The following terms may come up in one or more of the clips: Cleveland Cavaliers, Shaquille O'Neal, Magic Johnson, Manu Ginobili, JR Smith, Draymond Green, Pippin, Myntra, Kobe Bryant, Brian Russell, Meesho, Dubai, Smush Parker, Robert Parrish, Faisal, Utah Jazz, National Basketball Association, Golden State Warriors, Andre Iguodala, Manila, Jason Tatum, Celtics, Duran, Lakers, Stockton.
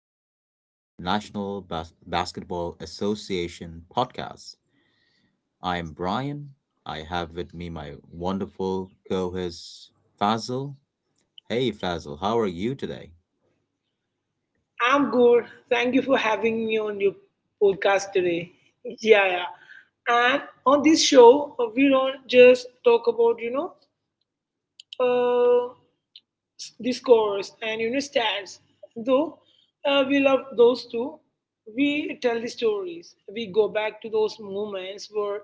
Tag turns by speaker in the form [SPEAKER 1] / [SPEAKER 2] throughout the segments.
[SPEAKER 1] NBA, National Basketball Association podcast. I am Brian. I have with me my wonderful co host, Fazil. Hey, Fazil, how are you today?
[SPEAKER 2] I'm good. Thank you for having me on your podcast today. Yeah, yeah. And on this show, we don't just talk about, uh, s- discourse and, stats. Though we love those two, we tell the stories. We go back to those moments where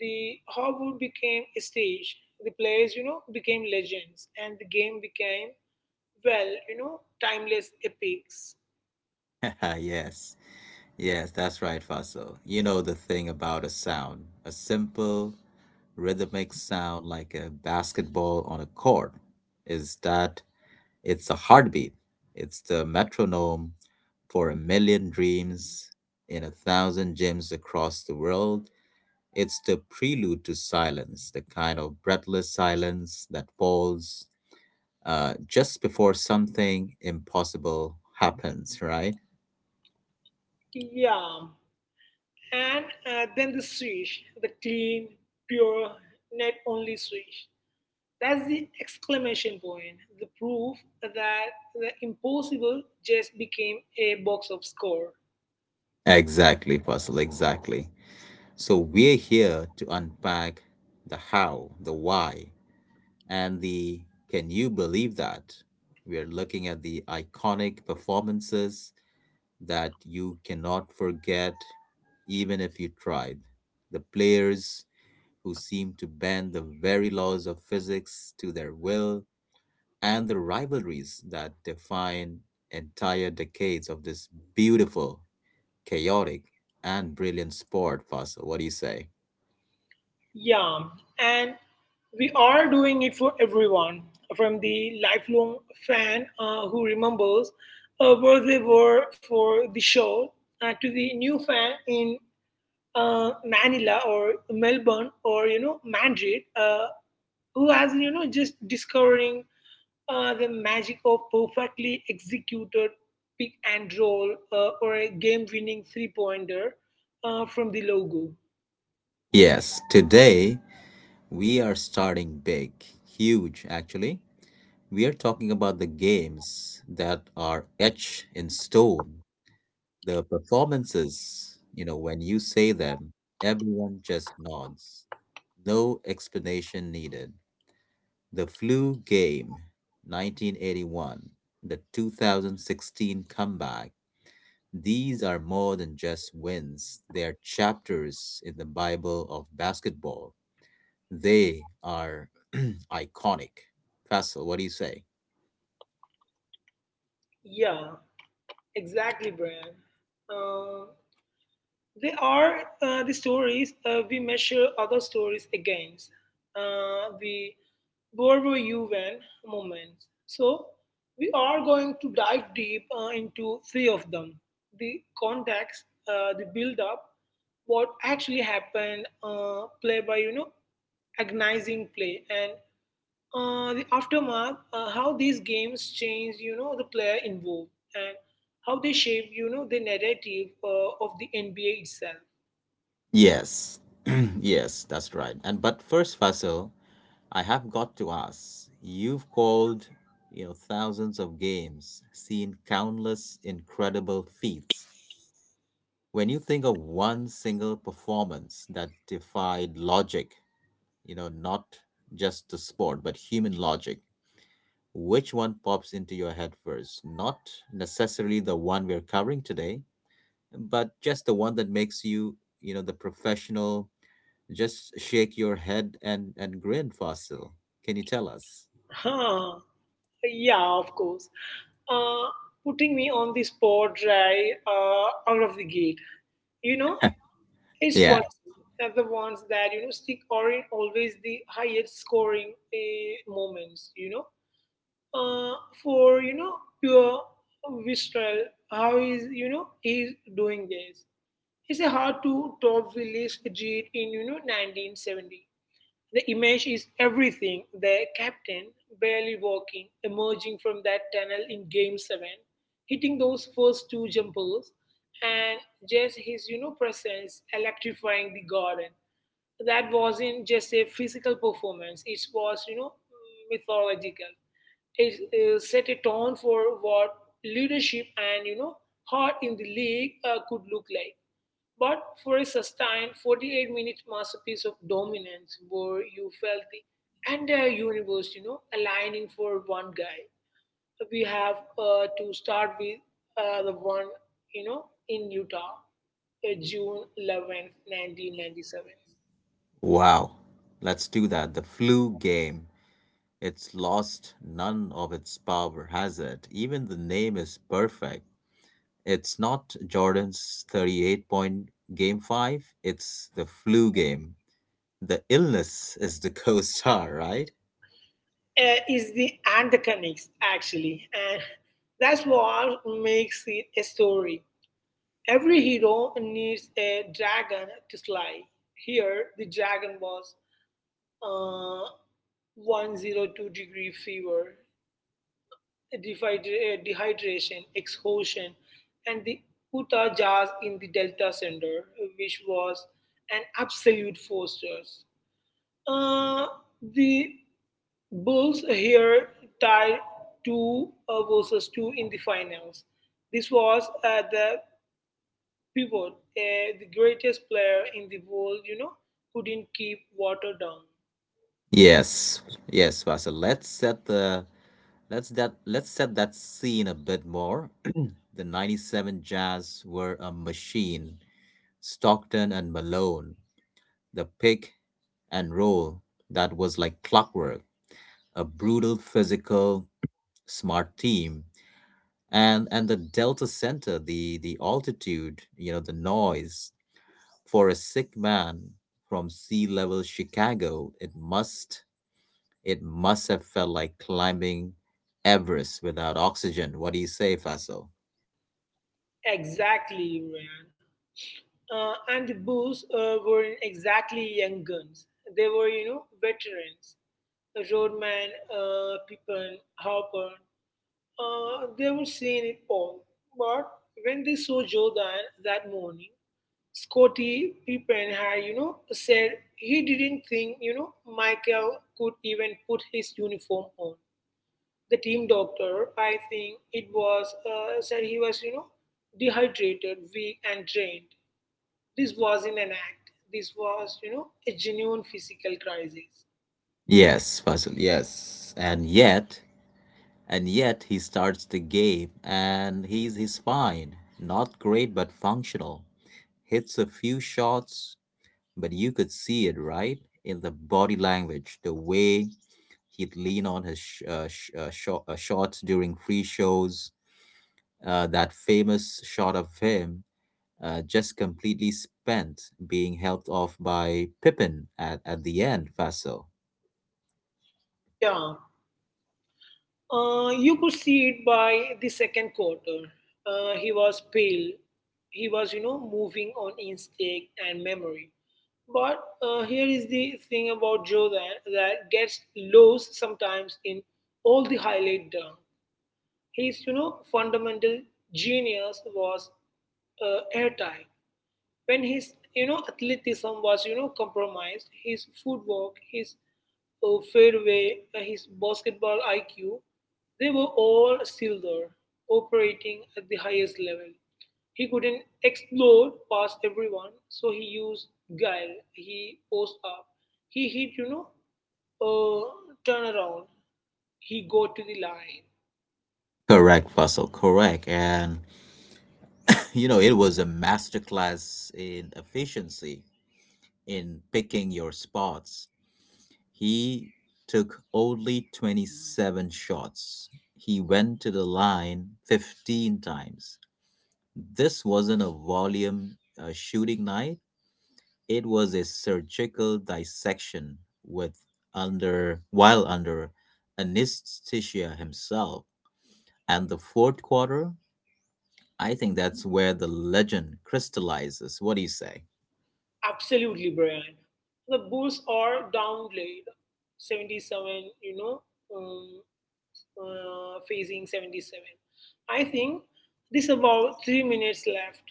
[SPEAKER 2] the Hogwarts became a stage. The players, became legends. And the game became, well, timeless epics.
[SPEAKER 1] Yes, yes, that's right, Fazil. You know, the thing about a sound a simple, rhythmic sound like a basketball on a court is that it's a heartbeat. It's the metronome for 1 million dreams in 1,000 gyms across the world. It's the prelude to silence, the kind of breathless silence that falls just before something impossible happens, right?
[SPEAKER 2] Yeah. And then the Swiss, the clean, pure, net only Swiss. That's the exclamation point, the proof that the impossible just became a box of score.
[SPEAKER 1] Exactly, Faisal, exactly. So we're here to unpack the how, the why, and the can you believe that? We are looking at the iconic performances that you cannot forget even if you tried. The players who seemed to bend the very laws of physics to their will, and the rivalries that define entire decades of this beautiful, chaotic, and brilliant sport, Faisal. What do you say?
[SPEAKER 2] Yeah, and we are doing it for everyone, from the lifelong fan who remembers where they were for the show to the new fan in Manila or Melbourne or Madrid, who has just discovering the magic of perfectly executed pick and roll or a game-winning three-pointer from the logo.
[SPEAKER 1] Yes, today we are starting big, huge actually. We are talking about the games that are etched in stone. The performances, you know, when you say them, everyone just nods. No explanation needed. The flu game, 1981, the 2016 comeback, these are more than just wins. They are chapters in the Bible of basketball. They are iconic. Faisal, what do you say?
[SPEAKER 2] Yeah, exactly, Brian. Uh, They are the stories we measure other stories against, the World War UN moments. So, we are going to dive deep into three of them the context, the build up, what actually happened, play by, agonizing play, and the aftermath, how these games change, the player involved, and how they shape, the narrative of the NBA itself.
[SPEAKER 1] Yes, yes, that's right. And but first, Faisal, I have got to ask. You've called, you know, thousands of games, seen countless incredible feats. When you think of one single performance that defied logic, you know, not just the sport, but human logic, which one pops into your head first? Not necessarily the one we're covering today, but just the one that makes you, you know, the professional just shake your head and grin, Fasil. Can you tell us?
[SPEAKER 2] Huh. Yeah, of course. Uh, putting me on the spot right out of the gate. You know, it's funny
[SPEAKER 1] Yeah.
[SPEAKER 2] that the ones that, stick are in always the highest scoring moments. Uh, for, pure Vistral, how is, he's doing this. It's a hard to top village Ajit in, 1970. The image is everything. The captain, barely walking, emerging from that tunnel in game seven, hitting those first two jumpers, and just his, presence electrifying the garden. That wasn't just a physical performance, it was, mythological. It set a tone for what leadership and, heart in the league could look like. But for a sustained 48-minute masterpiece of dominance where you felt the entire universe, aligning for one guy, we have to start with the one, in Utah, June 11th, 1997.
[SPEAKER 1] Wow. Let's do that. The flu game. It's lost none of its power, has it? Even the name is perfect. It's not Jordan's 38 point game 5, it's the flu game. The illness is the co star, right?
[SPEAKER 2] Is the and the connects actually, and that's what makes it a story. Every hero needs a dragon to slay. Here, the dragon was uh, 102-degree fever, dehydration, exhaustion, and the Utah Jazz in the Delta Center, which was an absolute forcer. Uh, the Bulls here tied two versus two in the finals. This was the pivot, the greatest player in the world, couldn't keep water down.
[SPEAKER 1] Yes, yes, Vassal. Let's set that scene a bit more. The 97 Jazz were a machine. Stockton and Malone, the pick and roll that was like clockwork, a brutal, physical, smart team. And the Delta Center, the altitude, you know, the noise, for a sick man from sea level Chicago, it must have felt like climbing Everest without oxygen. What do you say, Faisal?
[SPEAKER 2] Exactly, Ryan. And the boos weren't exactly young guns. They were, veterans. Roadman, Pippin, Harper, they were seeing it all. But when they saw Jordan that morning, Scotty Pippen had, said he didn't think, Michael could even put his uniform on. The team doctor, I think it was, said he was, dehydrated, weak, and drained. This wasn't an act. This was, a genuine physical crisis.
[SPEAKER 1] Yes, Faisal, yes. And yet he starts the game, and he's fine, not great but functional, hits a few shots. But you could see it, right, in the body language, the way he'd lean on his shorts during free shows. That famous shot of him just completely spent, being helped off by Pippin at the end, Faisal.
[SPEAKER 2] Yeah, you could see it by the second quarter. He was pale. He was, moving on instinct and memory. But here is the thing about Joe that gets lost sometimes in all the highlight dunk. His, fundamental genius was airtight. When his athleticism was compromised, his footwork, his fairway, his basketball IQ, they were all still there, operating at the highest level. He couldn't explode past everyone, so he used guile. He post up. He hit uh, turn around. He go to the line.
[SPEAKER 1] Correct, Faisal, correct. And, you know, it was a masterclass in efficiency, in picking your spots. He took only 27 shots. He went to the line 15 times. This wasn't a volume shooting night, it was a surgical dissection with under anesthesia himself. And the fourth quarter, I think that's where the legend crystallizes. What do you say?
[SPEAKER 2] Absolutely, Brian. The Bulls are downplayed. 77, you know, um, facing 77. I think there's about 3 minutes left.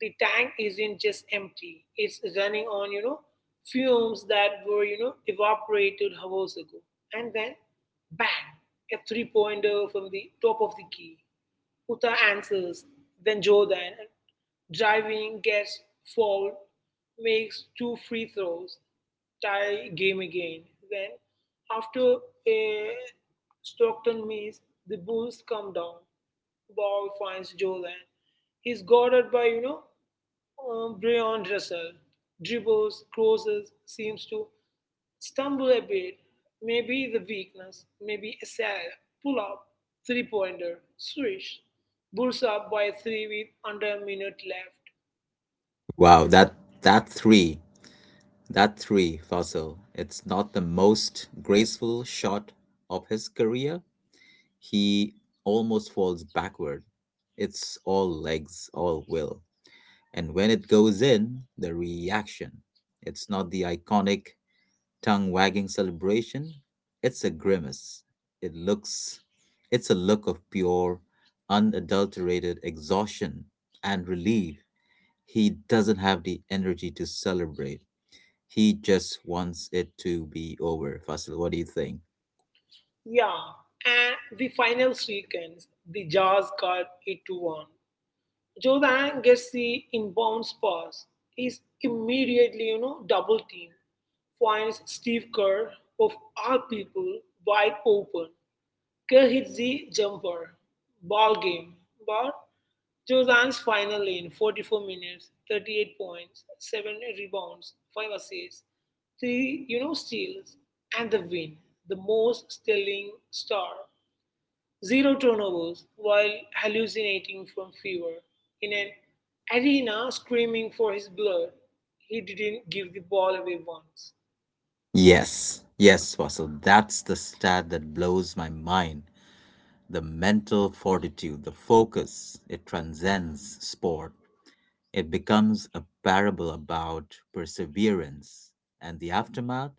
[SPEAKER 2] The tank isn't just empty; it's running on, fumes that were, evaporated hours ago. And then, bang! A three-pointer from the top of the key. Uta answers, then Jordan, driving, gets fouled, makes two free throws, tie game again. Then, after a Stockton miss, the Bulls come down. Ball finds Jordan. He's guarded by, Brian Russell dribbles, crosses, seems to stumble a bit. Maybe the weakness, maybe a sad pull up, three pointer, swish, bulls up by three with under a minute left.
[SPEAKER 1] Wow, that three, that three, fossil. It's not the most graceful shot of his career. He almost falls backward. It's all legs, all will. And when it goes in, the reaction. It's not the iconic tongue wagging celebration, it's a grimace. It looks, it's a look of pure, unadulterated exhaustion and relief. He doesn't have the energy to celebrate. He just wants it to be over. Fasil, what do you think?
[SPEAKER 2] Yeah, and the final sequence, the Jazz cut it to one. Jordan gets the inbounds pass, is immediately, double teamed, finds Steve Kerr, of all people, wide open Kerr hit the jumper. Ball game. But Jordan's final in 44 minutes, 38 points, 7 rebounds, 5 assists, 3 steals, and the win. The most sterling star. Zero turnovers while hallucinating from fever. In an arena screaming for his blood, he didn't give the ball away once.
[SPEAKER 1] Yes, yes, Fasil. That's the stat that blows my mind. The mental fortitude, the focus, it transcends sport. It becomes a parable about perseverance. And the aftermath,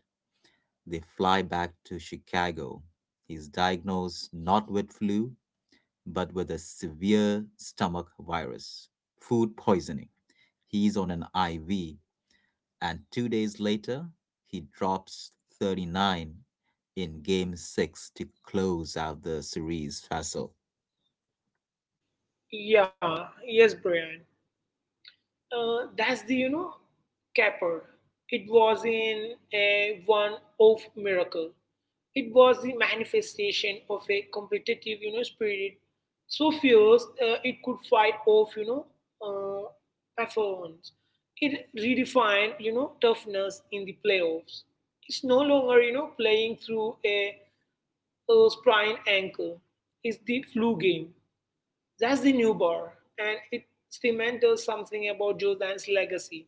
[SPEAKER 1] they fly back to Chicago. He's diagnosed not with flu, but with a severe stomach virus, food poisoning. He's on an IV, and 2 days later, he drops 39 in game 6 to close out the series, Faisal.
[SPEAKER 2] Yeah, yes, Brian. That's the capper. It was in a one-off miracle. It was the manifestation of a competitive spirit so fierce it could fight off uh, performance. It redefined toughness in the playoffs. It's no longer playing through a sprained ankle. It's the flu game that's the new bar, and it cemented something about Jordan's legacy.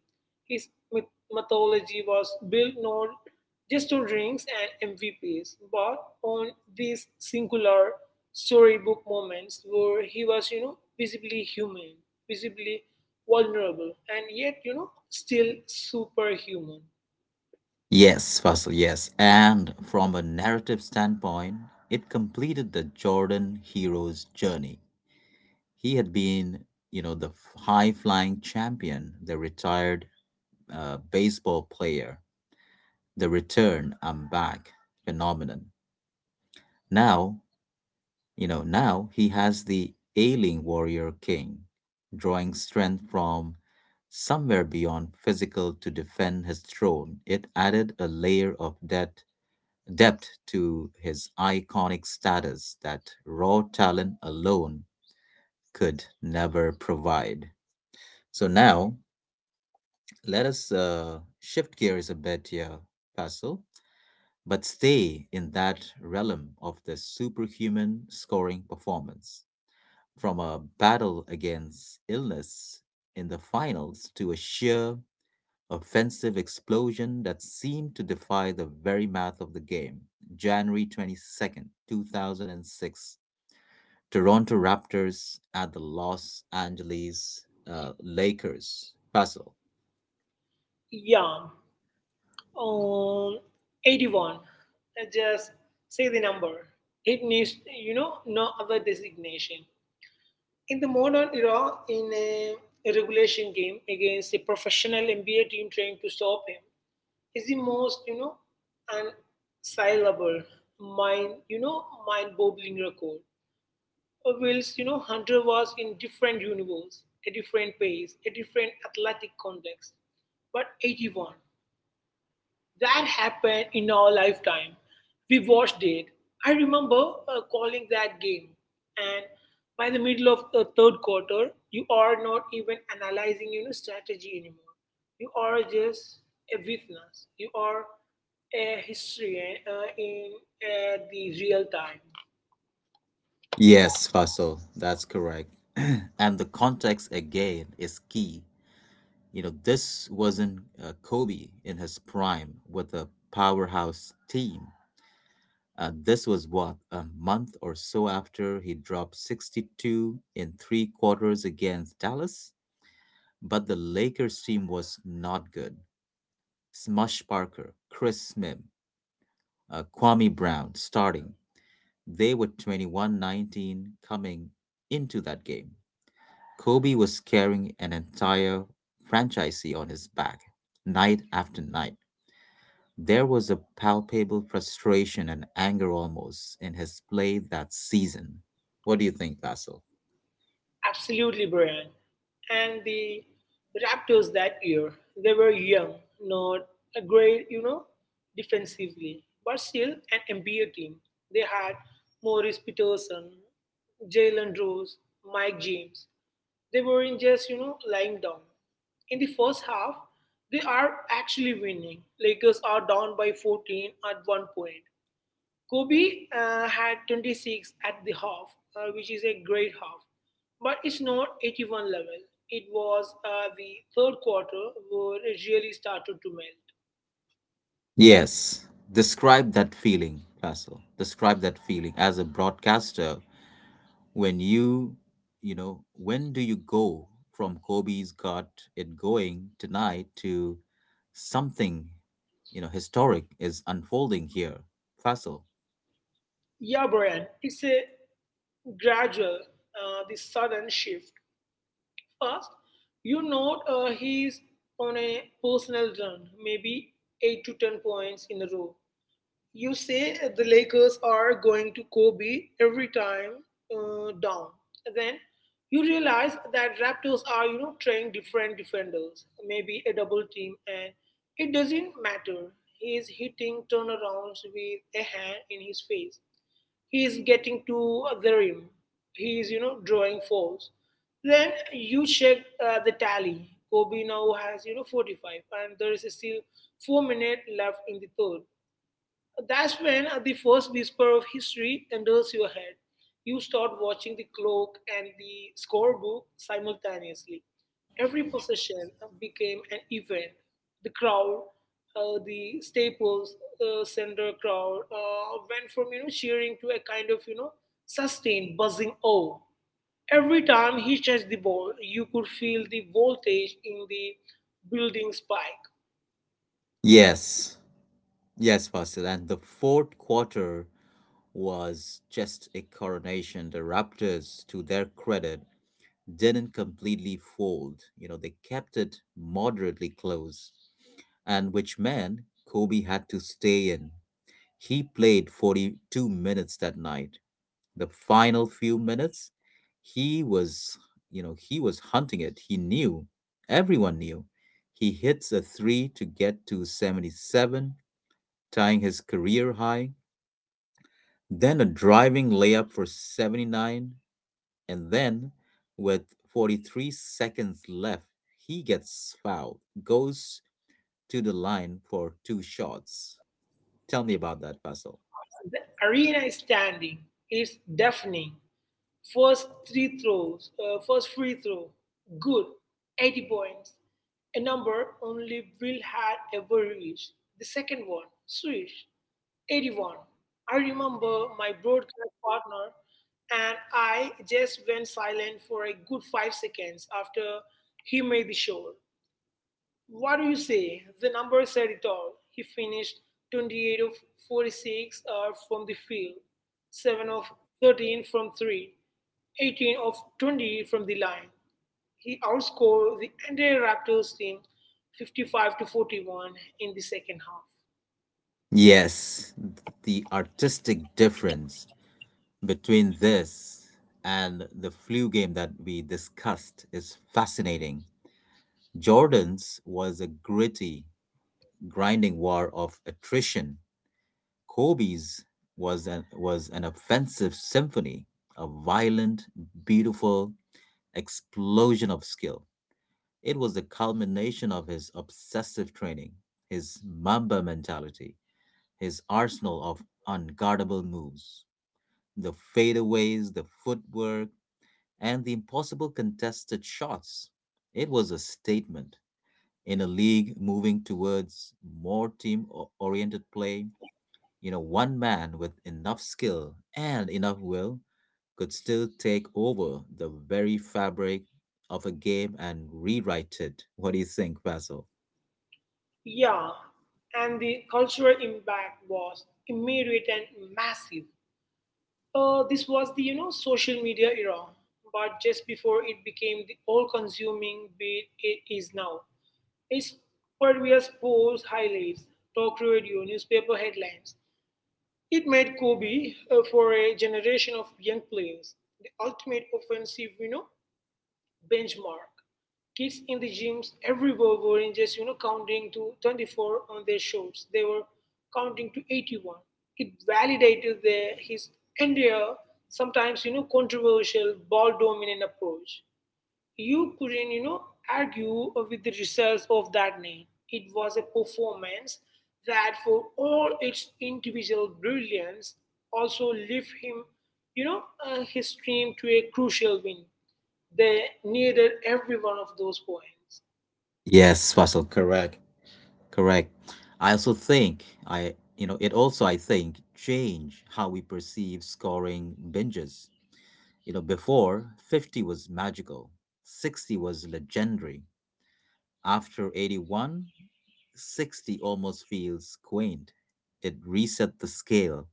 [SPEAKER 2] His mythology was built not just on rings and MVPs, but on these singular storybook moments where he was, visibly human, visibly vulnerable, and yet, still superhuman.
[SPEAKER 1] Yes, Faisal, yes. And from a narrative standpoint, it completed the Jordan hero's journey. He had been, you know, the high flying champion, the retired baseball player, the return, I'm back phenomenon. Now, now he has the ailing warrior king, drawing strength from somewhere beyond physical to defend his throne. It added a layer of that depth to his iconic status that raw talent alone could never provide. So now let us shift gears a bit here, Pascal, but stay in that realm of the superhuman scoring performance. From a battle against illness in the finals to a sheer offensive explosion that seemed to defy the very math of the game. January 22nd, 2006. Toronto Raptors at the Los Angeles Lakers. Faisal.
[SPEAKER 2] Yeah. Um, 81. I just say the number. It needs, no other designation. In the modern era, in a regulation game against a professional NBA team trying to stop him, is the most, unassailable, mind-boggling record. Whilst, Hunter was in different universe, a different pace, a different athletic context. But 81 that happened in our lifetime. We watched it. I remember calling that game. And by the middle of the third quarter, you are not even analyzing strategy anymore. You are just a witness. You are a historian in the real time.
[SPEAKER 1] Yes, Faisal, that's correct. And the context again is key. You know, this wasn't Kobe in his prime with a powerhouse team. This was what, a month or so after he dropped 62 in three quarters against Dallas? But the Lakers team was not good. Smush Parker, Chris Smith, Kwame Brown starting. They were 21, 19 coming into that game. Kobe was carrying an entire franchisee on his back, night after night. There was a palpable frustration and anger almost in his play that season. What do you think, Vasil?
[SPEAKER 2] Absolutely, Brian. And the Raptors that year, they were young, not a great, defensively, but still an NBA team. They had Morris Peterson, Jalen Rose, Mike James. They weren't just, lying down. In the first half, they are actually winning. Lakers are down by 14 at one point. Kobe had 26 at the half, which is a great half, but it's not 81 level. It was the third quarter where it really started to melt.
[SPEAKER 1] Yes. Describe that feeling, Vasil. Describe that feeling as a broadcaster when you know, when do you go from Kobe's got it going tonight to something, you know, historic is unfolding here, Fasil?
[SPEAKER 2] Yeah, Brian, it's gradual, the sudden shift. First, you note he's on a personal run, maybe 8 to 10 points in a row. You say the Lakers are going to Kobe every time down. Then you realize that Raptors are, trying different defenders, maybe a double team, and it doesn't matter. He is hitting turnarounds with a hand in his face. He is getting to the rim. He is, drawing fouls. Then you check the tally. Kobe now has, 45, and there is still 4 minutes left in the third. That's when the first whisper of history enters your head. You start watching the clock and the scorebook simultaneously. Every possession became an event. The crowd, the Staples Center crowd, went from cheering to a kind of sustained buzzing awe. Every time he touched the ball, you could feel the voltage in the building spike.
[SPEAKER 1] Yes, yes, Fasil, and the fourth quarter was just a coronation. The Raptors, to their credit, didn't completely fold. You know, they kept it moderately close, and which meant Kobe had to stay in. He played 42 minutes that night. The final few minutes, he was, you know, he was hunting it. He knew, everyone knew. He hits a three to get to 77, tying his career high, then a driving layup for 79, and then with 43 seconds left, he gets fouled, goes to the line for two shots. Tell me about that, Basil.
[SPEAKER 2] The arena is standing. It's deafening. First free throw, good, 80 points, a number only Will had ever reached. The second one, swish, 81. I remember my broadcast partner and I just went silent for a good 5 seconds after he made the shot. What do you say? The numbers said it all. He finished 28 of 46 from the field, 7 of 13 from 3, 18 of 20 from the line. He outscored the entire Raptors team 55 to 41 in the second half.
[SPEAKER 1] Yes, the artistic difference between this and the flu game that we discussed is fascinating. Jordan's was a gritty, grinding war of attrition. Kobe's was an offensive symphony, a violent, beautiful explosion of skill. It was the culmination of his obsessive training, his Mamba mentality, his arsenal of unguardable moves. The fadeaways, the footwork, and the impossible contested shots. It was a statement in a league moving towards more team oriented play. You know, one man with enough skill and enough will could still take over the very fabric of a game and rewrite it. What do you think, Faisal?
[SPEAKER 2] Yeah, and the cultural impact was immediate and massive. This was the social media era, but just before it became the all-consuming bit it is now. It's pervious posts, highlights, talk radio, newspaper headlines. It made Kobe for a generation of young players the ultimate offensive, benchmark. Kids in the gyms everywhere weren't just, counting to 24 on their shows. They were counting to 81. It validated his entire, sometimes, controversial, ball dominant approach. You couldn't argue with the results of that night. It was a performance that, for all its individual brilliance, also left him you know his team to a crucial win. They needed every one of those points.
[SPEAKER 1] Yes, Faisal, correct. Correct. I also think I you know, it also I think change how we perceive scoring binges. You know, before 50 was magical, 60 was legendary. After 81, 60 almost feels quaint. It reset the scale,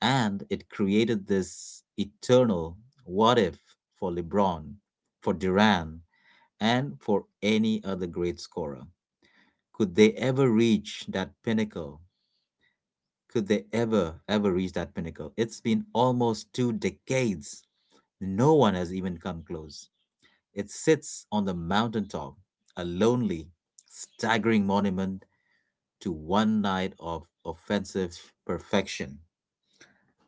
[SPEAKER 1] and it created this eternal what if for LeBron, for Duran, and for any other great scorer. Could they ever reach that pinnacle, ever reach that pinnacle? It's been almost two decades. No one has even come close. It sits on the mountaintop, a lonely, staggering monument to one night of offensive perfection.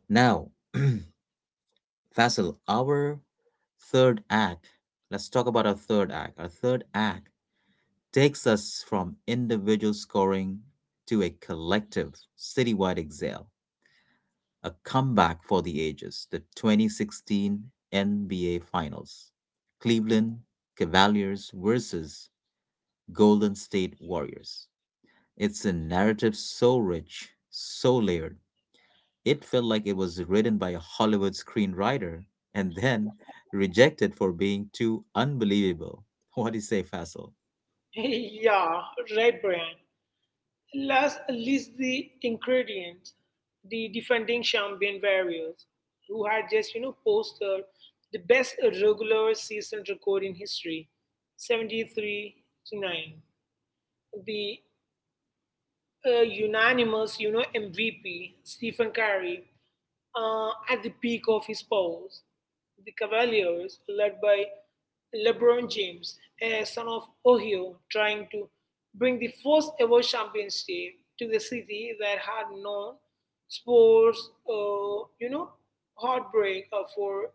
[SPEAKER 1] Now, Faisal, third act, let's talk about our third act. Our third act takes us from individual scoring to a collective citywide exile. A comeback for the ages, the 2016 NBA Finals, Cleveland Cavaliers versus Golden State Warriors. It's a narrative so rich, so layered, it felt like it was written by a Hollywood screenwriter and then rejected for being too unbelievable. What do you say, Faisal?
[SPEAKER 2] Yeah, right, Brian. List the ingredients: the defending champion Warriors, who had just, posted the best regular season record in history, 73 to 9. The a unanimous, MVP, Stephen Curry, at the peak of his powers. The Cavaliers, led by LeBron James, a son of Ohio, trying to bring the first ever championship to the city that had known sports, heartbreak for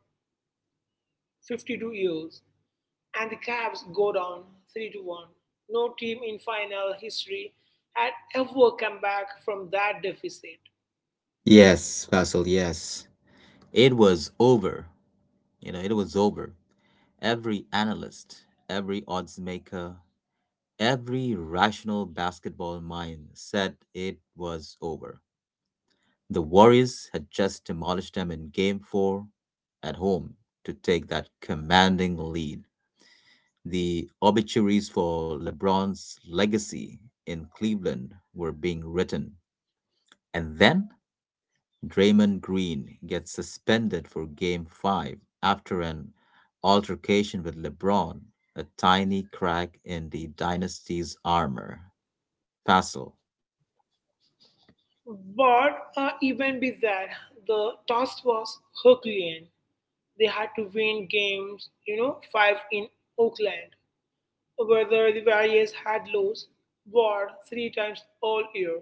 [SPEAKER 2] 52 years, and the Cavs go down 3 to 1. No team in final history had ever come back from that deficit.
[SPEAKER 1] Yes, Basil, yes. it was over. You know, it was over. Every analyst, every odds maker, every rational basketball mind said it was over. The Warriors had just demolished them in Game 4 at home to take that commanding lead. The obituaries for LeBron's legacy in Cleveland were being written. And then Draymond Green gets suspended for Game 5 after an altercation with LeBron, a tiny crack in the dynasty's armor. Faisal.
[SPEAKER 2] But even with that, the task was Herculean. They had to win games, five in Oakland, whether the Warriors had lost Ward three times all year.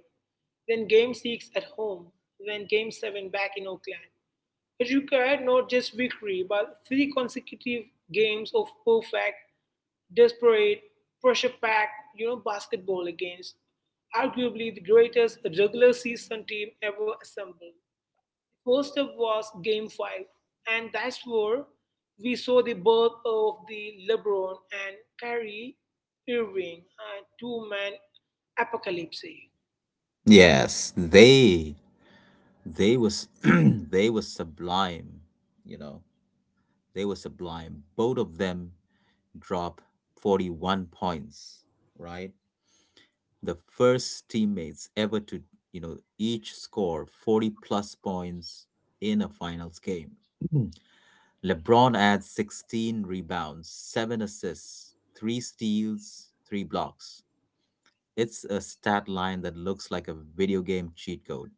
[SPEAKER 2] Then Game 6 at home, then Game 7 back in Oakland. It required not just victory, but three consecutive games of perfect, desperate, pressure packed, basketball against arguably the greatest regular season team ever assembled. First up was Game 5, and that's where we saw the birth of the LeBron and Kyrie Irving two-man apocalypse.
[SPEAKER 1] Yes, they was they was sublime, you know. They were sublime. Both of them drop 41 points, right? The first teammates ever to, you know, each score 40 plus points in a finals game. Mhm. LeBron adds 16 rebounds, 7 assists, 3 steals, 3 blocks. It's a stat line that looks like a video game cheat code.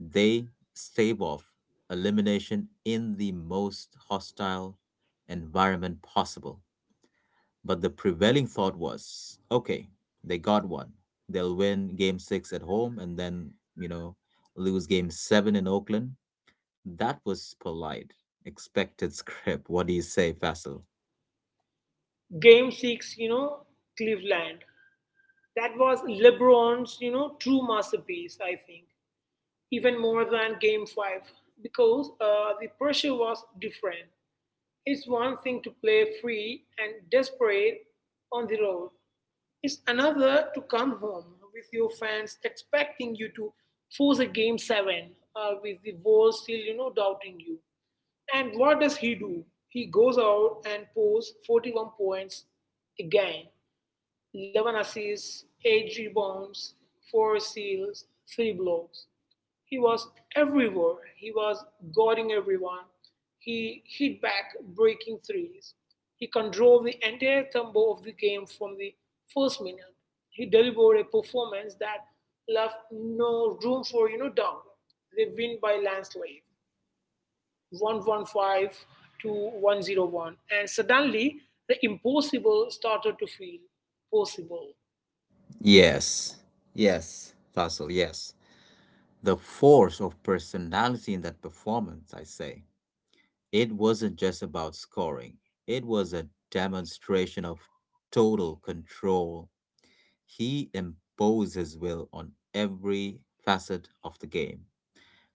[SPEAKER 1] They stave off elimination in the most hostile environment possible. But the prevailing thought was okay, they got one. They'll win game six at home, and then, you know, lose game 7 in Oakland. That was polite. Expected script. What do you say, Faisal?
[SPEAKER 2] Game 6, Cleveland. That was LeBron's, true masterpiece, I think. Even more than Game 5, because the pressure was different. It's one thing to play free and desperate on the road. It's another to come home with your fans expecting you to force a game seven with the world still, doubting you. And what does he do? He goes out and posts 41 points again, 11 assists, 8 rebounds, 4 steals, 3 blocks. He was everywhere. He was guarding everyone. He hit back breaking threes. He controlled the entire tempo of the game from the first minute. He delivered a performance that left no room for doubt. They win by landslide, 115 to 101, and suddenly the impossible started to feel possible.
[SPEAKER 1] Yes. Yes, Faisal, yes. The force of personality in that performance, I say. It wasn't just about scoring, it was a demonstration of total control. He imposed his will on every facet of the game,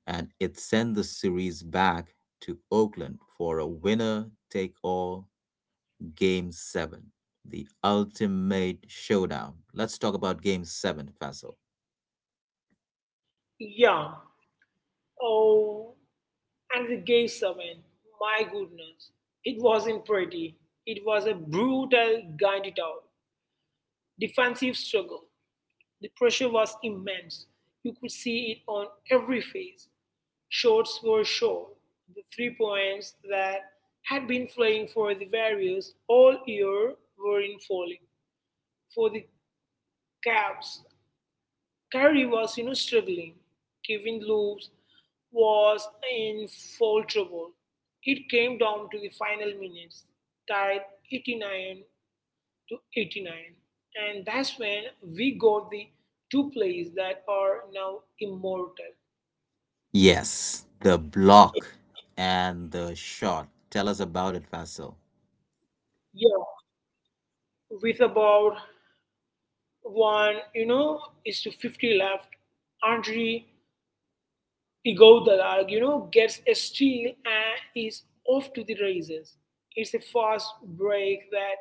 [SPEAKER 1] and it sent the series back to Oakland for a winner take all Game 7, the ultimate showdown. Let's talk about Game 7, Faisal.
[SPEAKER 2] Yeah. Oh, and we gave seven. My goodness. It wasn't pretty. It was a brutal, grinded out, defensive struggle. The pressure was immense. You could see it on every face. Shots were short. The 3 points that had been flying for the Warriors all year were in falling. For the Cavs, Carrie was, struggling. Kevin Loops was in foul trouble. It came down to the final minutes, tied 89 to 89. And that's when we got the two plays that are now immortal.
[SPEAKER 1] Yes, the block and the shot. Tell us about it, Faisal.
[SPEAKER 2] Yeah, with about one, is to 50 left. Andre Igor Dalag, gets a steal and is off to the races. It's a fast break that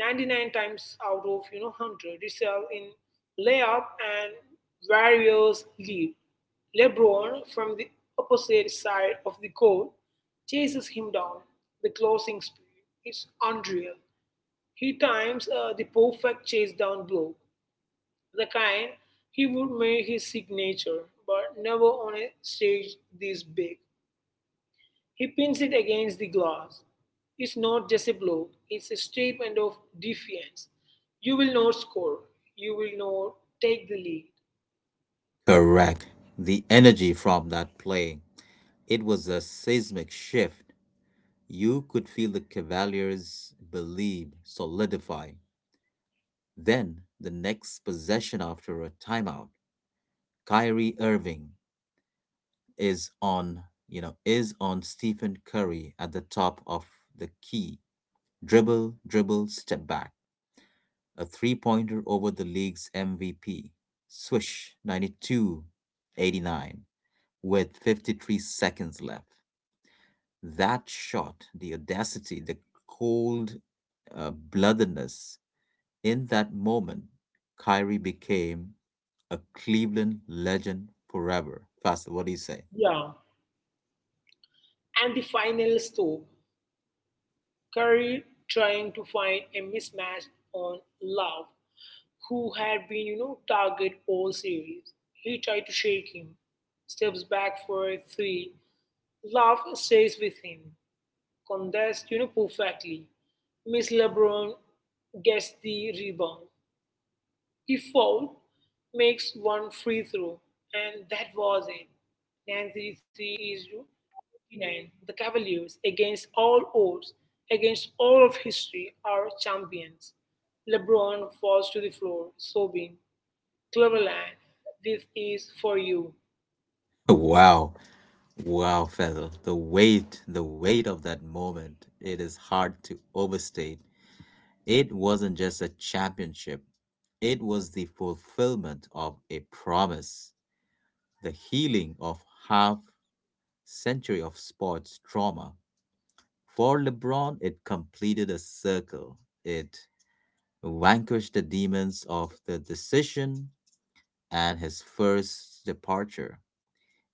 [SPEAKER 2] 99 times out of, 100 results in layup and Warriors lead. LeBron from the opposite side of the court chases him down. The closing speed is unreal. He times the perfect chase down blow, the kind he would make his signature, but never on a stage this big. He pins it against the glass. It's not just a blow, it's a statement of defiance. You will not score, you will not take the lead.
[SPEAKER 1] Correct. The energy from that play, it was a seismic shift. You could feel the Cavaliers believe solidify. Then, the next possession after a timeout, Kyrie Irving is on, is on Stephen Curry at the top of the key. Dribble, dribble, step back. A three-pointer over the league's MVP. Swish. 92, 89, with 53 seconds left. That shot, the audacity, the cold bloodedness, in that moment, Kyrie became a Cleveland legend forever. Faster, what do you say?
[SPEAKER 2] Yeah. And the final stop, Curry trying to find a mismatch on Love, who had been, target all series. He tried to shake him, steps back for a three, Love stays with him, contests perfectly. Miss, LeBron gets the rebound. He fouled, makes one free throw, and that was it. 93 is 29. The Cavaliers, against all odds, against all of history, are champions. LeBron falls to the floor, sobbing, Cleveland, this is for you.
[SPEAKER 1] Wow, wow, Faisal, the weight of that moment, it is hard to overstate. It wasn't just a championship, it was the fulfillment of a promise, the healing of half century of sports trauma. For LeBron, it completed a circle. It vanquished the demons of the decision and his first departure.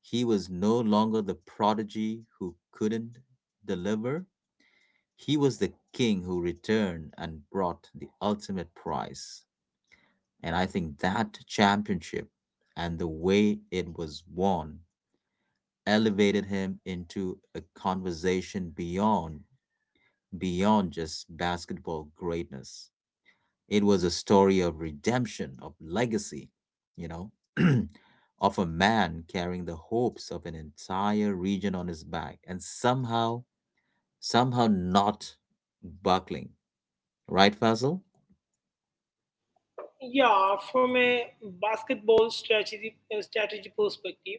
[SPEAKER 1] He was no longer the prodigy who couldn't deliver. He was the king who returned and brought the ultimate prize. And I think that championship and the way it was won elevated him into a conversation beyond just basketball greatness. It was a story of redemption, of legacy, you know, of a man carrying the hopes of an entire region on his back and somehow, somehow not buckling. Right, Fazil?
[SPEAKER 2] Yeah, from a basketball strategy perspective,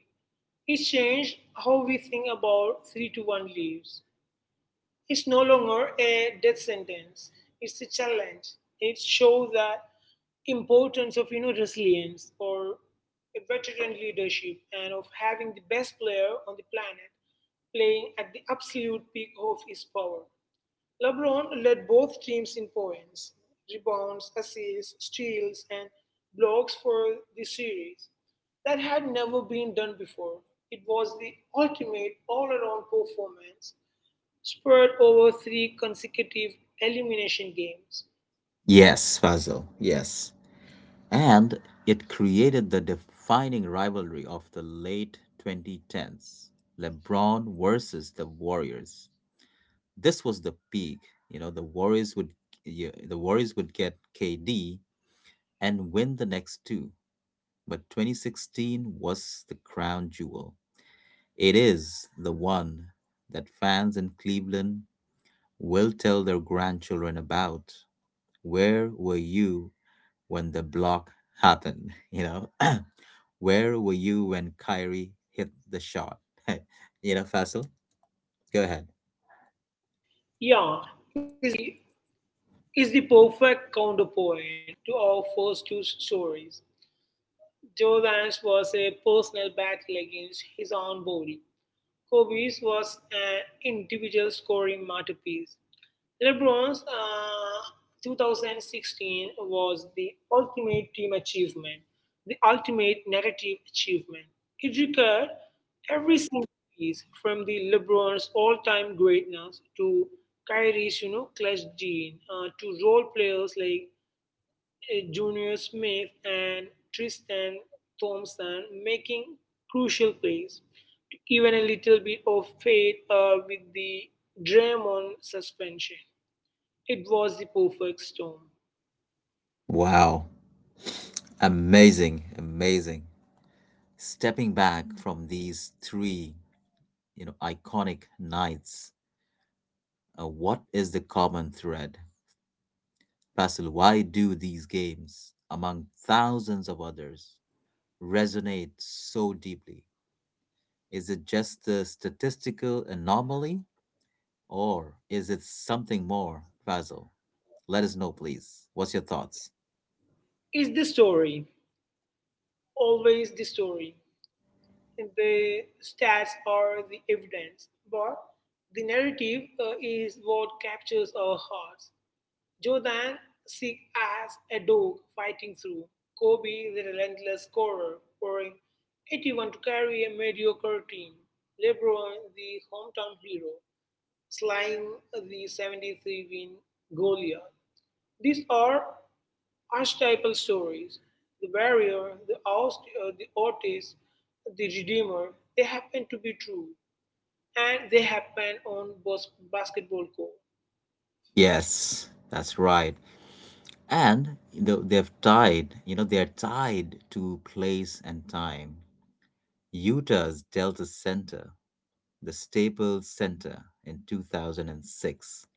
[SPEAKER 2] it changed how we think about three to one leaves. It's no longer a death sentence. It's a challenge. It shows that importance of resilience or a veteran leadership, and of having the best player on the planet playing at the absolute peak of his power. LeBron led both teams in points, rebounds, assists, steals, and blocks for the series. That had never been done before. It was the ultimate all around performance, spurred over three consecutive elimination games.
[SPEAKER 1] Yes, Fazil, yes. And it created the defining rivalry of the late 2010s, LeBron versus the Warriors. This was the peak. You know, the Warriors would the Warriors would get KD and win the next two, but 2016 was the crown jewel. It is the one that fans in Cleveland will tell their grandchildren about. Where were you when the block happened? Where were you when Kyrie hit the shot? Faisal, go ahead.
[SPEAKER 2] Yeah, is the, is the perfect counterpoint to our first two stories. Jordan's was a personal battle against his own body. Kobe's was an individual scoring masterpiece. LeBron's 2016 was the ultimate team achievement, the ultimate narrative achievement. It required every single piece, from the LeBron's all-time greatness to Kyrie's, clutch gene to role players like Junior Smith and Tristan Thompson making crucial plays. Even a little bit of fate with the Draymond suspension. It was the perfect storm.
[SPEAKER 1] Wow. Amazing, amazing. Stepping back from these three, iconic nights, what is the common thread? Basil, why do these games, among thousands of others, resonate so deeply? Is it just a statistical anomaly or is it something more, Basil? Let us know, please. What's your thoughts?
[SPEAKER 2] It's the story, always the story. The stats are the evidence, but the narrative is what captures our hearts. Jordan sick as a dog fighting through, Kobe the relentless scorer, pouring 81 to carry a mediocre team, LeBron the hometown hero, slaying the 73 win Goliath. These are archetypal stories. The warrior, the oust, the artist, the redeemer, they happen to be true. And they happen on basketball court.
[SPEAKER 1] Yes, that's right. And they're tied to place and time. Utah's Delta Center, the Staples Center in 2006,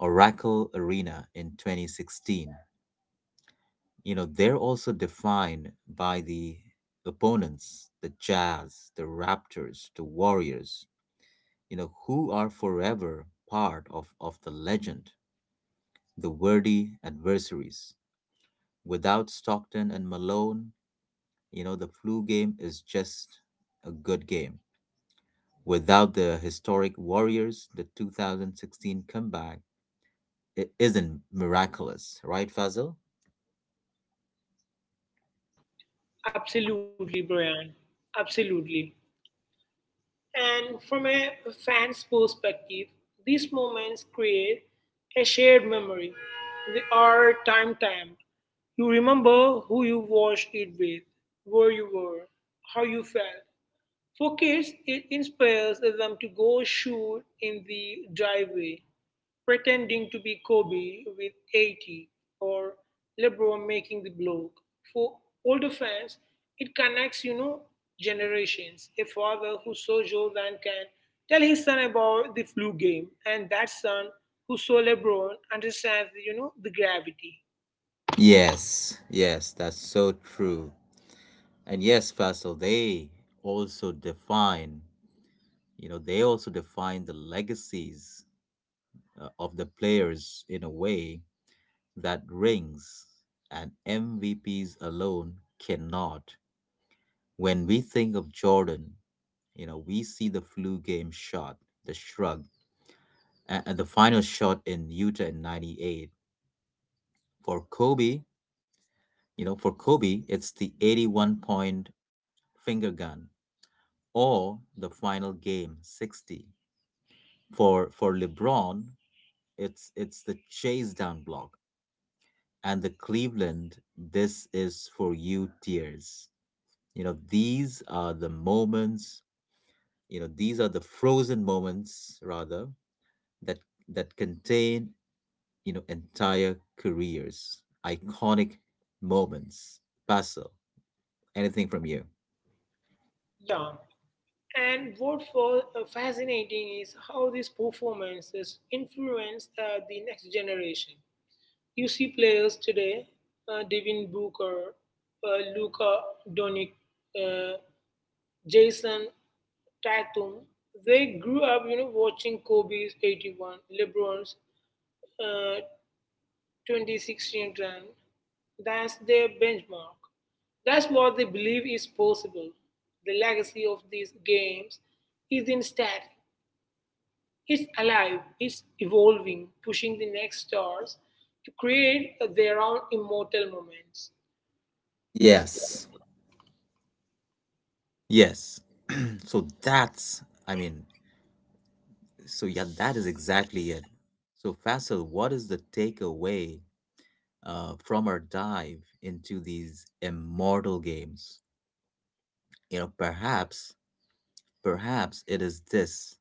[SPEAKER 1] Oracle Arena in 2016. They're also defined by the opponents, the Jazz, the Raptors, the Warriors, who are forever part of the legend, the worthy adversaries. Without Stockton and Malone, the flu game is just a good game. Without the historic Warriors, the 2016 comeback, it isn't miraculous, right, Fazil?
[SPEAKER 2] Absolutely, Brian. Absolutely. And from a fan's perspective, these moments create a shared memory. They are time stamped. You remember who you watched it with, where you were, how you felt. For kids, it inspires them to go shoot in the driveway, pretending to be Kobe with 80 or LeBron making the block. For older fans, it connects, generations. A father who saw Jordan can tell his son about the flu game, and that son who saw LeBron understands, the gravity.
[SPEAKER 1] Yes, yes, that's so true. And yes, Faisal, also define, they also define the legacies of the players in a way that rings and MVPs alone cannot. When we think of Jordan, we see the flu game shot, the shrug, and the final shot in Utah in 98. For Kobe, for Kobe, it's the 81 point finger gun or the final game 60. For LeBron, it's the chase down block and the Cleveland "this is for you" tears. You know, these are the moments, these are the frozen moments rather, that that contain, entire careers. Iconic moments. Basil, anything from you?
[SPEAKER 2] Yeah. And what was fascinating is how these performances influence the next generation. You see players today, Devin Booker, Luka Doncic, uh, Jason Tatum. They grew up, watching Kobe's 81, LeBron's uh, 2016 run. That's their benchmark. That's what they believe is possible. The legacy of these games is in stats. It's alive, it's evolving, pushing the next stars to create their own immortal moments.
[SPEAKER 1] Yes, yes. so that's i mean So yeah, that is exactly it. So Faisal, what is the takeaway from our dive into these immortal games? You know, perhaps, perhaps it is this: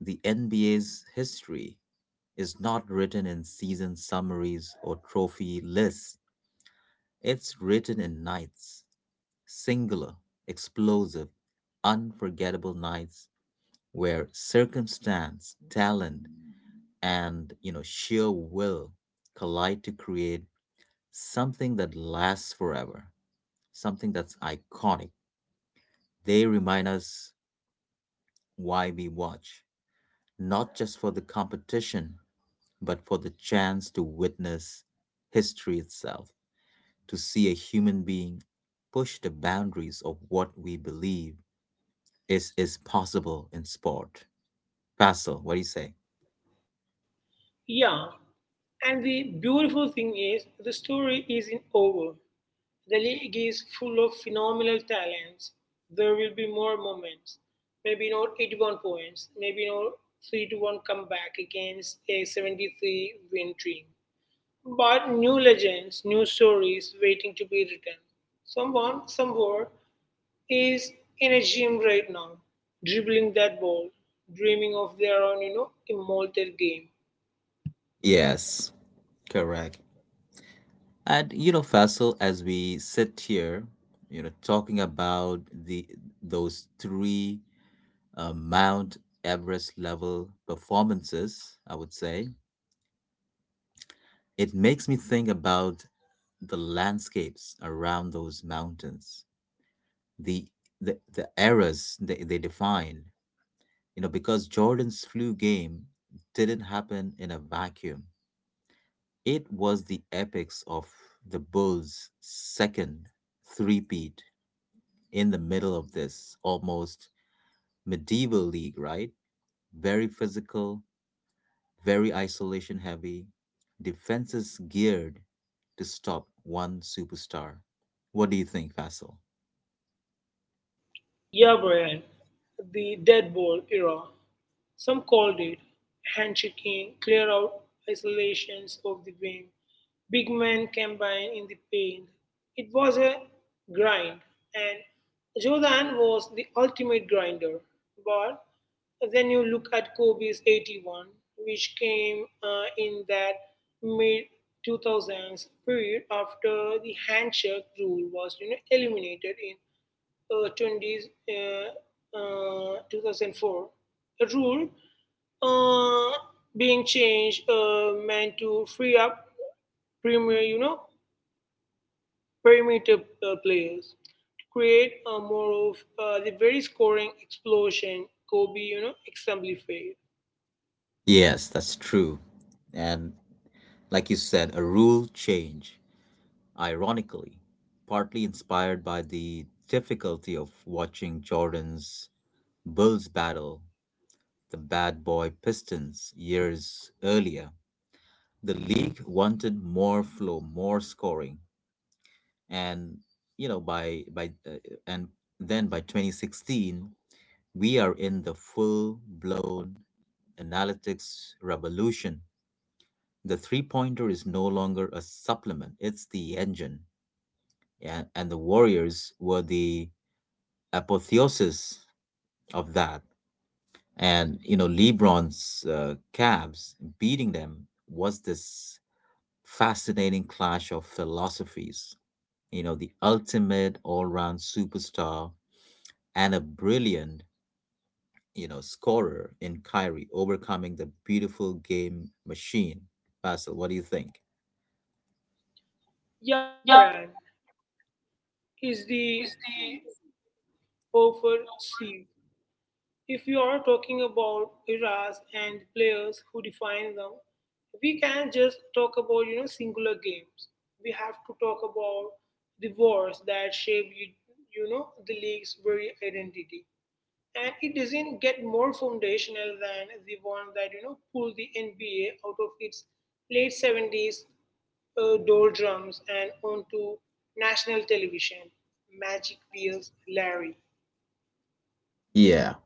[SPEAKER 1] the NBA's history is not written in season summaries or trophy lists. It's written in nights, singular, explosive, unforgettable nights where circumstance, talent, and sheer will collide to create something that lasts forever, something that's iconic. They remind us why we watch, not just for the competition, but for the chance to witness history itself, to see a human being push the boundaries of what we believe is possible in sport. Basil, what do you say?
[SPEAKER 2] Yeah, and the beautiful thing is, the story isn't over. The league is full of phenomenal talents. There will be more moments. Maybe not 81 points, maybe not 3 to 1 comeback against a 73 win team. But new legends, new stories waiting to be written. Someone, somewhere, is in a gym right now, dribbling that ball, dreaming of their own, immortal game.
[SPEAKER 1] Yes, correct. And Faisal, as we sit here, talking about the those three Mount Everest level performances, I would say it makes me think about the landscapes around those mountains, the the eras they define. Because Jordan's flu game didn't happen in a vacuum. It was the epics of the Bulls' second three-peat in the middle of this almost medieval league, right? Very physical, very isolation heavy, defenses geared to stop one superstar. What do you think, Faisal?
[SPEAKER 2] Yeah, Brian, the dead ball era. Some called it handshaking, clear out isolations of the wing, big men combined in the paint. It was a grind, and Jordan was the ultimate grinder. But then you look at Kobe's 81, which came in that mid 2000s period after the handshake rule was eliminated in uh, 20s, 2004. A rule uh, being changed meant to free up premier, perimeter players to create more of the very scoring explosion Kobe, exemplified.
[SPEAKER 1] Yes, that's true. And like you said, a rule change, ironically, partly inspired by the difficulty of watching Jordan's Bulls battle the bad boy Pistons years earlier. The league wanted more flow, more scoring, and you know by and then by 2016 we are in the full blown analytics revolution. The three pointer is no longer a supplement; it's the engine, and the Warriors were the apotheosis of that. And LeBron's Cavs beating them was this fascinating clash of philosophies. The ultimate all round superstar and a brilliant, scorer in Kyrie overcoming the beautiful game machine. Basil, what do you think? Yeah,
[SPEAKER 2] Yabran is the,
[SPEAKER 1] is the,
[SPEAKER 2] Beaufort C. If you are talking about eras and players who define them, we can't just talk about singular games. We have to talk about the wars that shape you, you know the league's very identity. And it doesn't get more foundational than the one that pulled the NBA out of its late 70s doldrums and onto national television. Magic Wheels Larry.
[SPEAKER 1] yeah.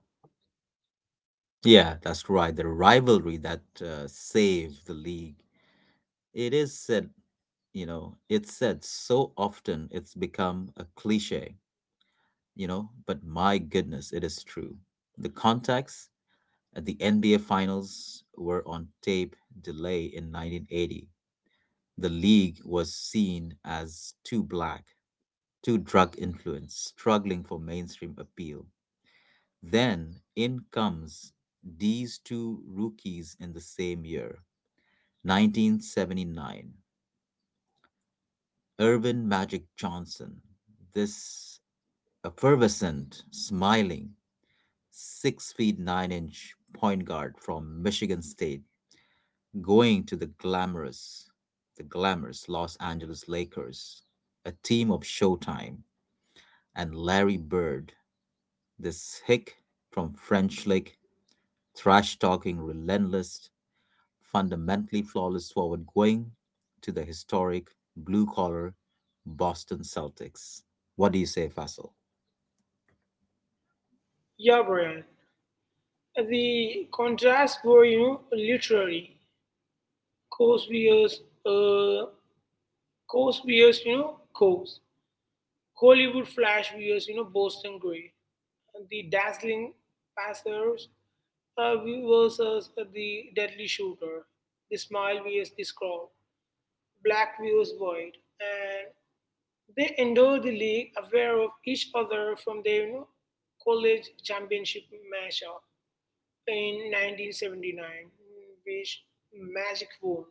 [SPEAKER 1] Yeah, that's right. The rivalry that saved the league. It is said, it's said so often it's become a cliche, but my goodness, it is true. The context. The NBA finals were on tape delay in 1980. The league was seen as too black, too drug influenced, struggling for mainstream appeal. Then in comes these two rookies in the same year, 1979. Urban Magic Johnson, this effervescent, smiling, 6 feet 9 inch point guard from Michigan State going to the glamorous Los Angeles Lakers, a team of Showtime, and Larry Bird, this hick from French Lick, trash-talking, relentless, fundamentally flawless forward going to the historic blue-collar Boston Celtics. What do you say, Faisal?
[SPEAKER 2] Yeah, Brian. The contrasts were, literary. Coast viewers, uh, coast. Hollywood flash viewers, Boston gray. The dazzling passers versus the deadly shooter. The smile vs. the scroll. Black vs. void. And they endure the league aware of each other from their college championship matchup in 1979, which Magic won.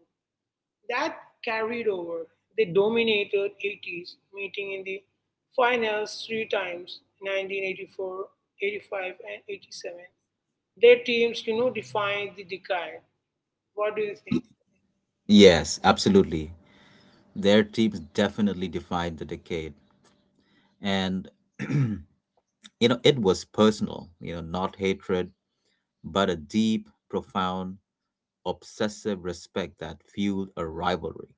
[SPEAKER 2] That carried over. They dominated 80s, meeting in the finals three times: 1984, 85, and 87. Their teams, defined the decade. What do you think?
[SPEAKER 1] Yes, absolutely. Their teams definitely defined the decade. And, you it was personal, not hatred, but a deep, profound, obsessive respect that fueled a rivalry.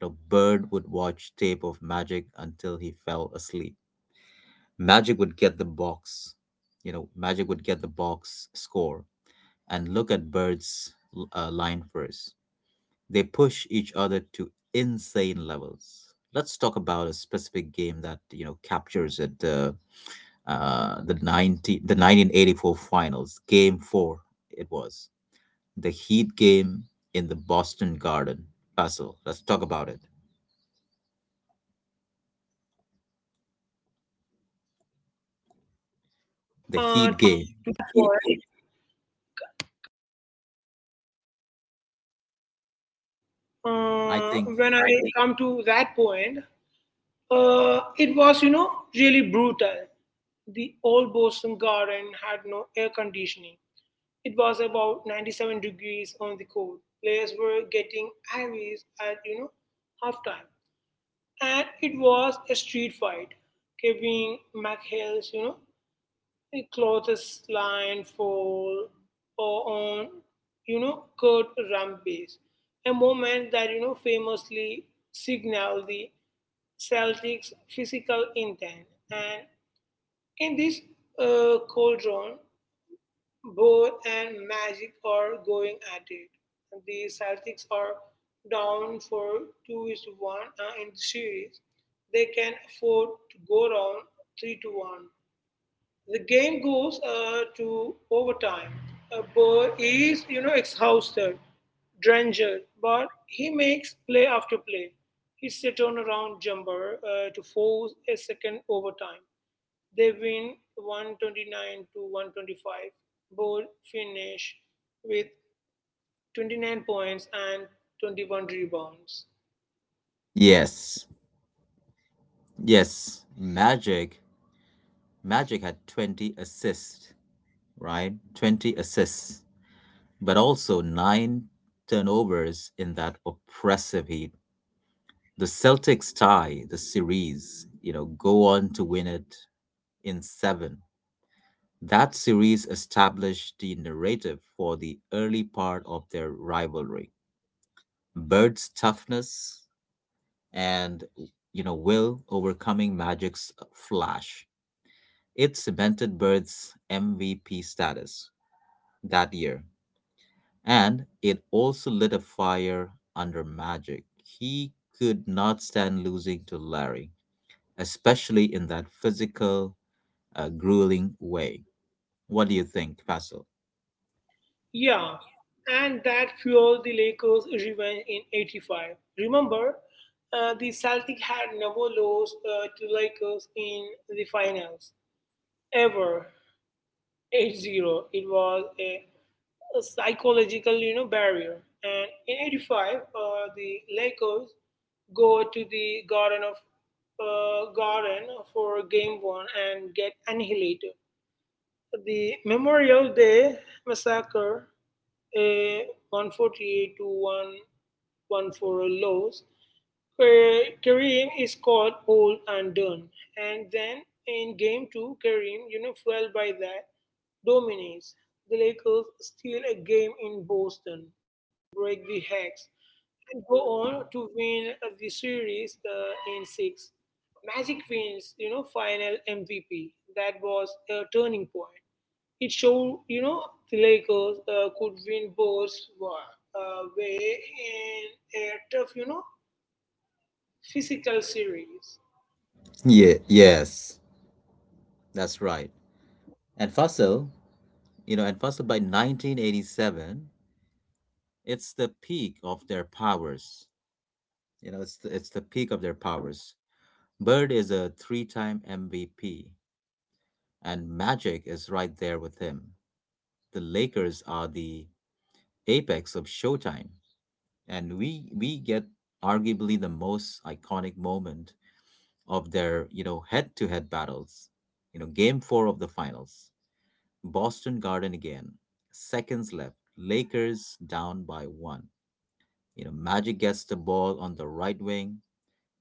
[SPEAKER 1] Bird would watch tape of Magic until he fell asleep. Magic would get the box, Magic would get the box score and look at Bird's line first. They push each other to insane levels. Let's talk about a specific game that captures it. The 1984 finals, Game Four. It was the Heat game in the Boston Garden Russell. Let's talk about it. The Heat game.
[SPEAKER 2] To that point,
[SPEAKER 1] I think.
[SPEAKER 2] when I come to that point, it was, really brutal. The old Boston garden had no air conditioning. It was about 97 degrees on the court. Players were getting ivies at halftime, and it was a street fight. Kevin McHale's a clothes line for or on Kurt Rampage, a moment that famously signaled the Celtics' physical intent. And in this cauldron, both and Magic are going at it. The Celtics are down for 2 is to 1 in the series. They can afford to go down 3 to 1. The game goes to overtime. Bird is, exhausted, drenched, but he makes play after play. He set on around jumper to force a second overtime. They win 129 to 125, Both finish with 29 points and 21 rebounds.
[SPEAKER 1] Yes, yes. Magic had 20 assists, right? 20 assists, but also nine turnovers in that oppressive Heat. The Celtics tie the series. You know, go on to win it in seven. That series established the narrative for the early part of their rivalry, Bird's toughness and will overcoming Magic's flash. It cemented Bird's MVP status that year, and it also lit a fire under Magic. He could not stand losing to Larry, especially in that physical, grueling way. What do you think, Fasil?
[SPEAKER 2] Yeah, and that fueled the Lakers' revenge in 85. Remember, the Celtics had never lost to Lakers in the finals ever. '80, it was a psychological barrier. And in '85, the Lakers go to the garden of garden for game one and get annihilated. The Memorial Day Massacre, a 148-114 laws. Kareem is called old and done. And then in game two, Kareem, fueled by that, dominates. The Lakers steal a game in Boston, break the hex, and go on to win the series in six. Magic wins, final MVP. That was a turning point. It showed, the Lakers could win both way in a tough, physical series.
[SPEAKER 1] Yeah, yes, that's right. And Fasil, by 1987, it's the peak of their powers. It's the peak of their powers. Bird is a three-time MVP, and Magic is right there with him. The Lakers are the apex of Showtime, and we get arguably the most iconic moment of their head-to-head battles. Game Four of the finals, Boston Garden again. Seconds left, Lakers down by one. Magic gets the ball on the right wing.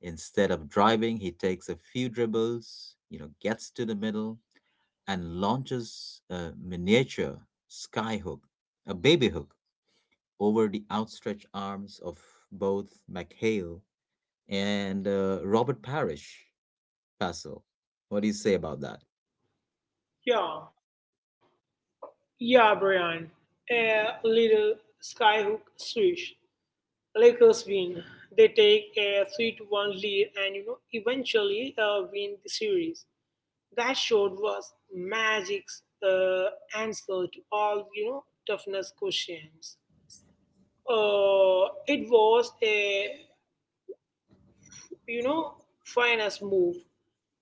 [SPEAKER 1] Instead of driving, he takes a few dribbles, gets to the middle and launches a miniature sky hook, a baby hook, over the outstretched arms of both McHale and Robert Parrish. Basil, what do you say about that?
[SPEAKER 2] Yeah, yeah, Brian. A little skyhook switch. Lakers win. They take a 3-1 lead, and eventually win the series. That shot was Magic's answer to all toughness questions. It was a you know, finest move,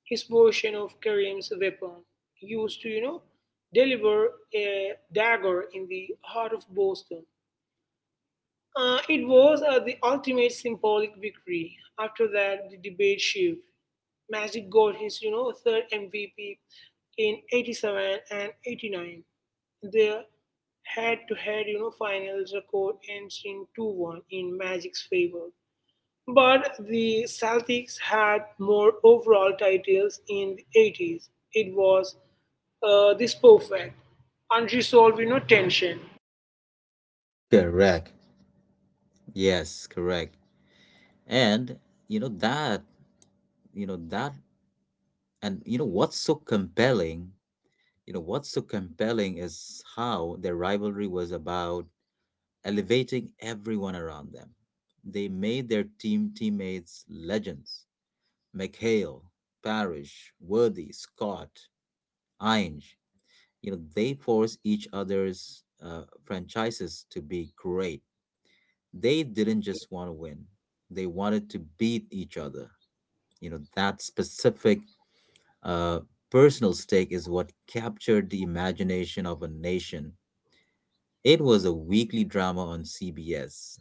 [SPEAKER 2] his version of Kareem's weapon, used to, deliver a dagger in the heart of Boston. It was the ultimate symbolic victory. After that, the debate shift. Magic got his, third MVP in '87 and '89. The head-to-head, finals record ends in 2-1 in Magic's favor. But the Celtics had more overall titles in the 80s. It was this perfect, unresolved, tension.
[SPEAKER 1] Correct. Yes, correct. And you know that, you know that, and you know what's so compelling You know what's so compelling is how their rivalry was about elevating everyone around them. They made their teammates legends. McHale, Parrish, Worthy, Scott, Ainge. They forced each other's franchises to be great. They didn't just want to win, they wanted to beat each other. That specific uh, personal stake is what captured the imagination of a nation. It was a weekly drama on CBS,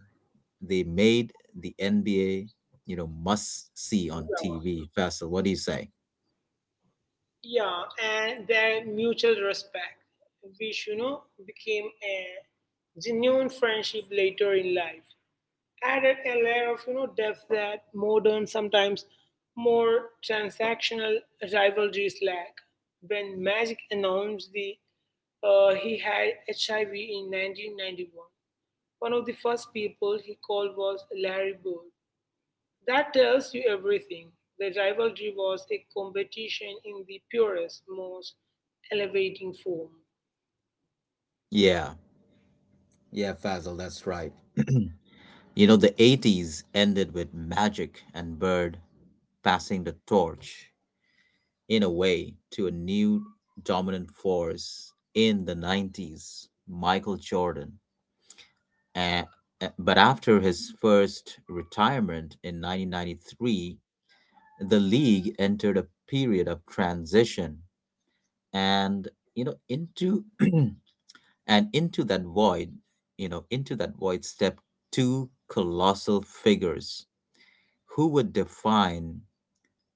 [SPEAKER 1] they made the NBA, must see on TV. Faisal, what do you say?
[SPEAKER 2] Yeah, and their mutual respect, which, became a genuine friendship later in life, added a layer of depth that modern, sometimes more transactional rivalries lack. When Magic announced the he had HIV in 1991, one of the first people he called was Larry Bird. That tells you everything. The rivalry was a competition in the purest, most elevating form.
[SPEAKER 1] Yeah, yeah, Faisal, that's right. The 80s ended with Magic and Bird passing the torch in a way to a new dominant force in the 90s, Michael Jordan. A- but after his first retirement in 1993, the league entered a period of transition, and you know into and into that void, into that void stepped two colossal figures who would define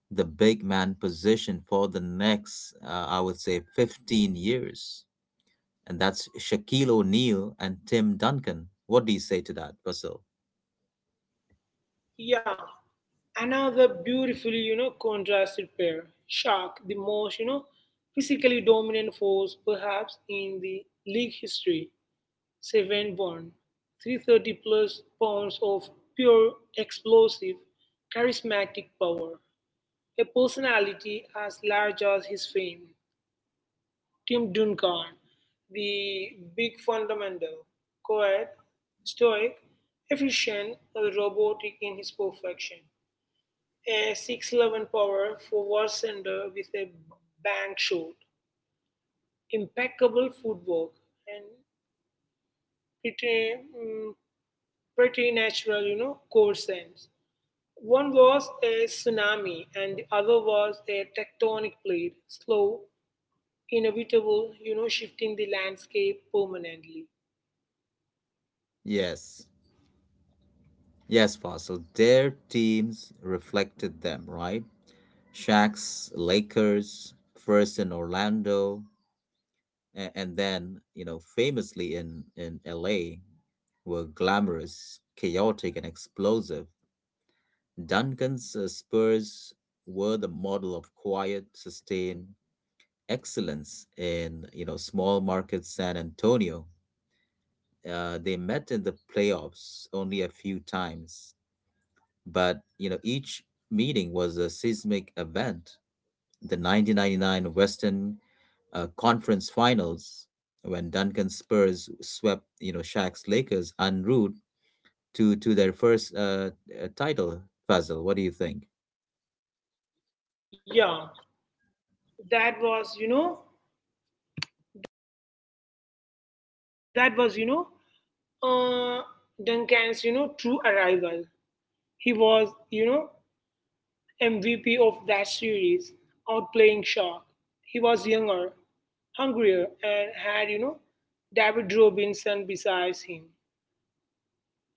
[SPEAKER 1] the big man position for the next I would say 15 years. And that's Shaquille O'Neal and Tim Duncan. What do you say to that, Fasil?
[SPEAKER 2] Yeah, another beautifully, contrasted pair. Shark, the most, physically dominant force perhaps in the league history, 7-1, 330 plus pounds of pure explosive, charismatic power, a personality as large as his fame. Tim Duncan, the big fundamental, quiet, stoic, efficient, robotic in his perfection, a 6'11 power forward center with a bank shot, impeccable footwork, and pretty, mm, pretty natural, court sense. One was a tsunami, and the other was a tectonic plate, slow, inevitable, shifting the landscape permanently.
[SPEAKER 1] Yes, yes, Fossil. Their teams reflected them, right? Shaq's Lakers, first in Orlando, and then famously in LA, were glamorous, chaotic, and explosive. Duncan's Spurs were the model of quiet sustained excellence in, small market San Antonio. They met in the playoffs only a few times, but each meeting was a seismic event. The 1999 Western Conference Finals, when Duncan Spurs swept, Shaq's Lakers en route to their first, title. Puzzle. What do you think?
[SPEAKER 2] Yeah, that was, you know, that, that was, uh, Duncan's, true arrival. He was, MVP of that series, outplaying Shaw. He was younger, hungrier, and had, David Robinson besides him.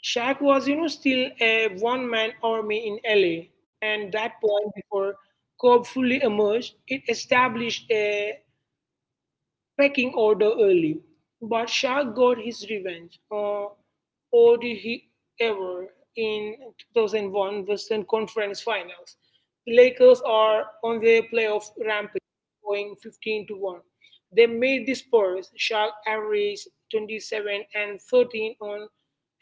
[SPEAKER 2] Shaq was, still a one man army in LA, and that point before Cobb fully emerged, it established a pecking order early. But Shah got his revenge, or did he ever, in 2001 Western Conference Finals. The Lakers are on their playoff rampage, going 15-1. They made the Spurs. Shaq averaged 27 and 13 on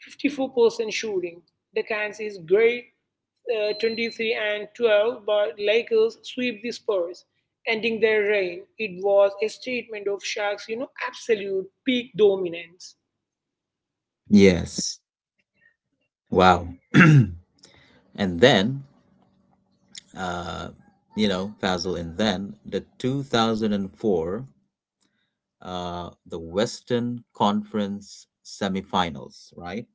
[SPEAKER 2] 54% shooting. The Kansas is great, 23 and 12, but Lakers sweep the Spurs, ending their reign. It was a statement of Shaq's, absolute peak dominance.
[SPEAKER 1] Yes. Wow. and then, uh, you know, Fazil, and then the 2004, the Western Conference semifinals, right?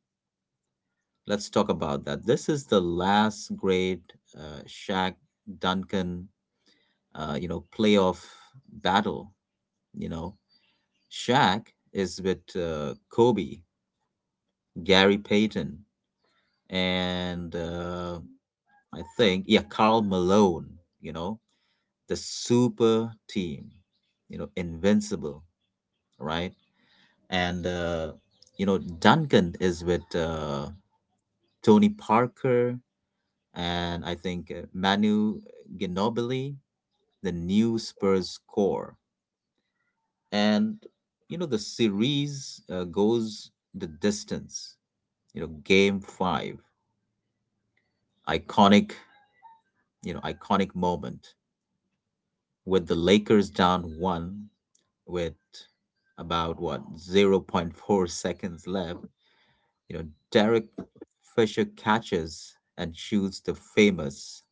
[SPEAKER 1] Let's talk about that. This is the last great Shaq Duncan playoff battle. You know, Shaq is with Kobe, Gary Payton, and I think, yeah, Karl Malone. You know, the super team. Invincible, right? And Duncan is with Tony Parker and I think Manu Ginobili, the new Spurs core. And the series goes the distance. Game 5, iconic, iconic moment, with the Lakers down 1 with about what zero point 0.4 seconds left. you know Derek Fisher catches and shoots the famous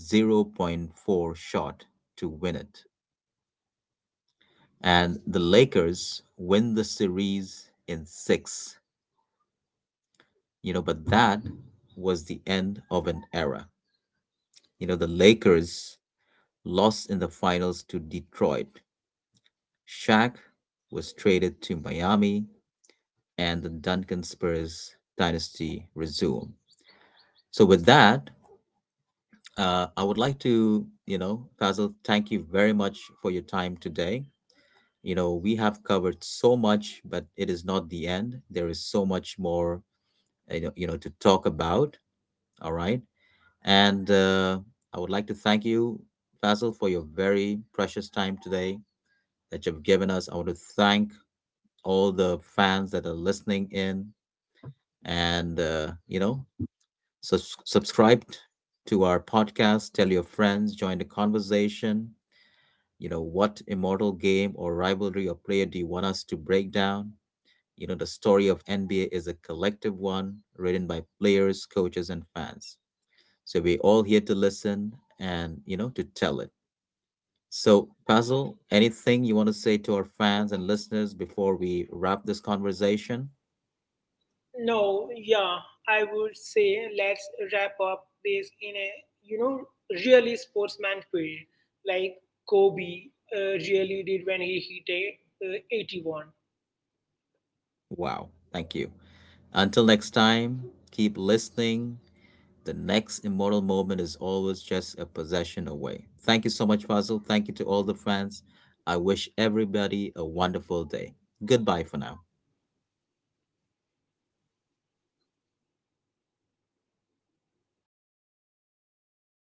[SPEAKER 1] zero point 0.4 shot to win it, and the Lakers win the series in 6. But that was the end of an era. The Lakers lost in the finals to Detroit. Shaq was traded to Miami, and the Duncan Spurs dynasty resumed. So, with that, I would like to, Fazil, thank you very much for your time today. We have covered so much, but it is not the end. There is so much more, to talk about. All right. And I would like to thank you, Faisal, for your very precious time today that you've given us. I want to thank all the fans that are listening in and, subscribe to our podcast, tell your friends, join the conversation. What immortal game or rivalry or player do you want us to break down? The story of NBA is a collective one written by players, coaches, and fans. So we're all here to listen and, to tell it. So, Basil, anything you want to say to our fans and listeners before we wrap this conversation?
[SPEAKER 2] Now, yeah, I would say let's wrap up this in a, you know, really sportsman period, like Kobe really did when he hit a, 81.
[SPEAKER 1] Wow, thank you. Until next time, keep listening. The next immortal moment is always just a possession away. Thank you so much, Fazil. Thank you to all the fans. I wish everybody a wonderful day. Goodbye for now.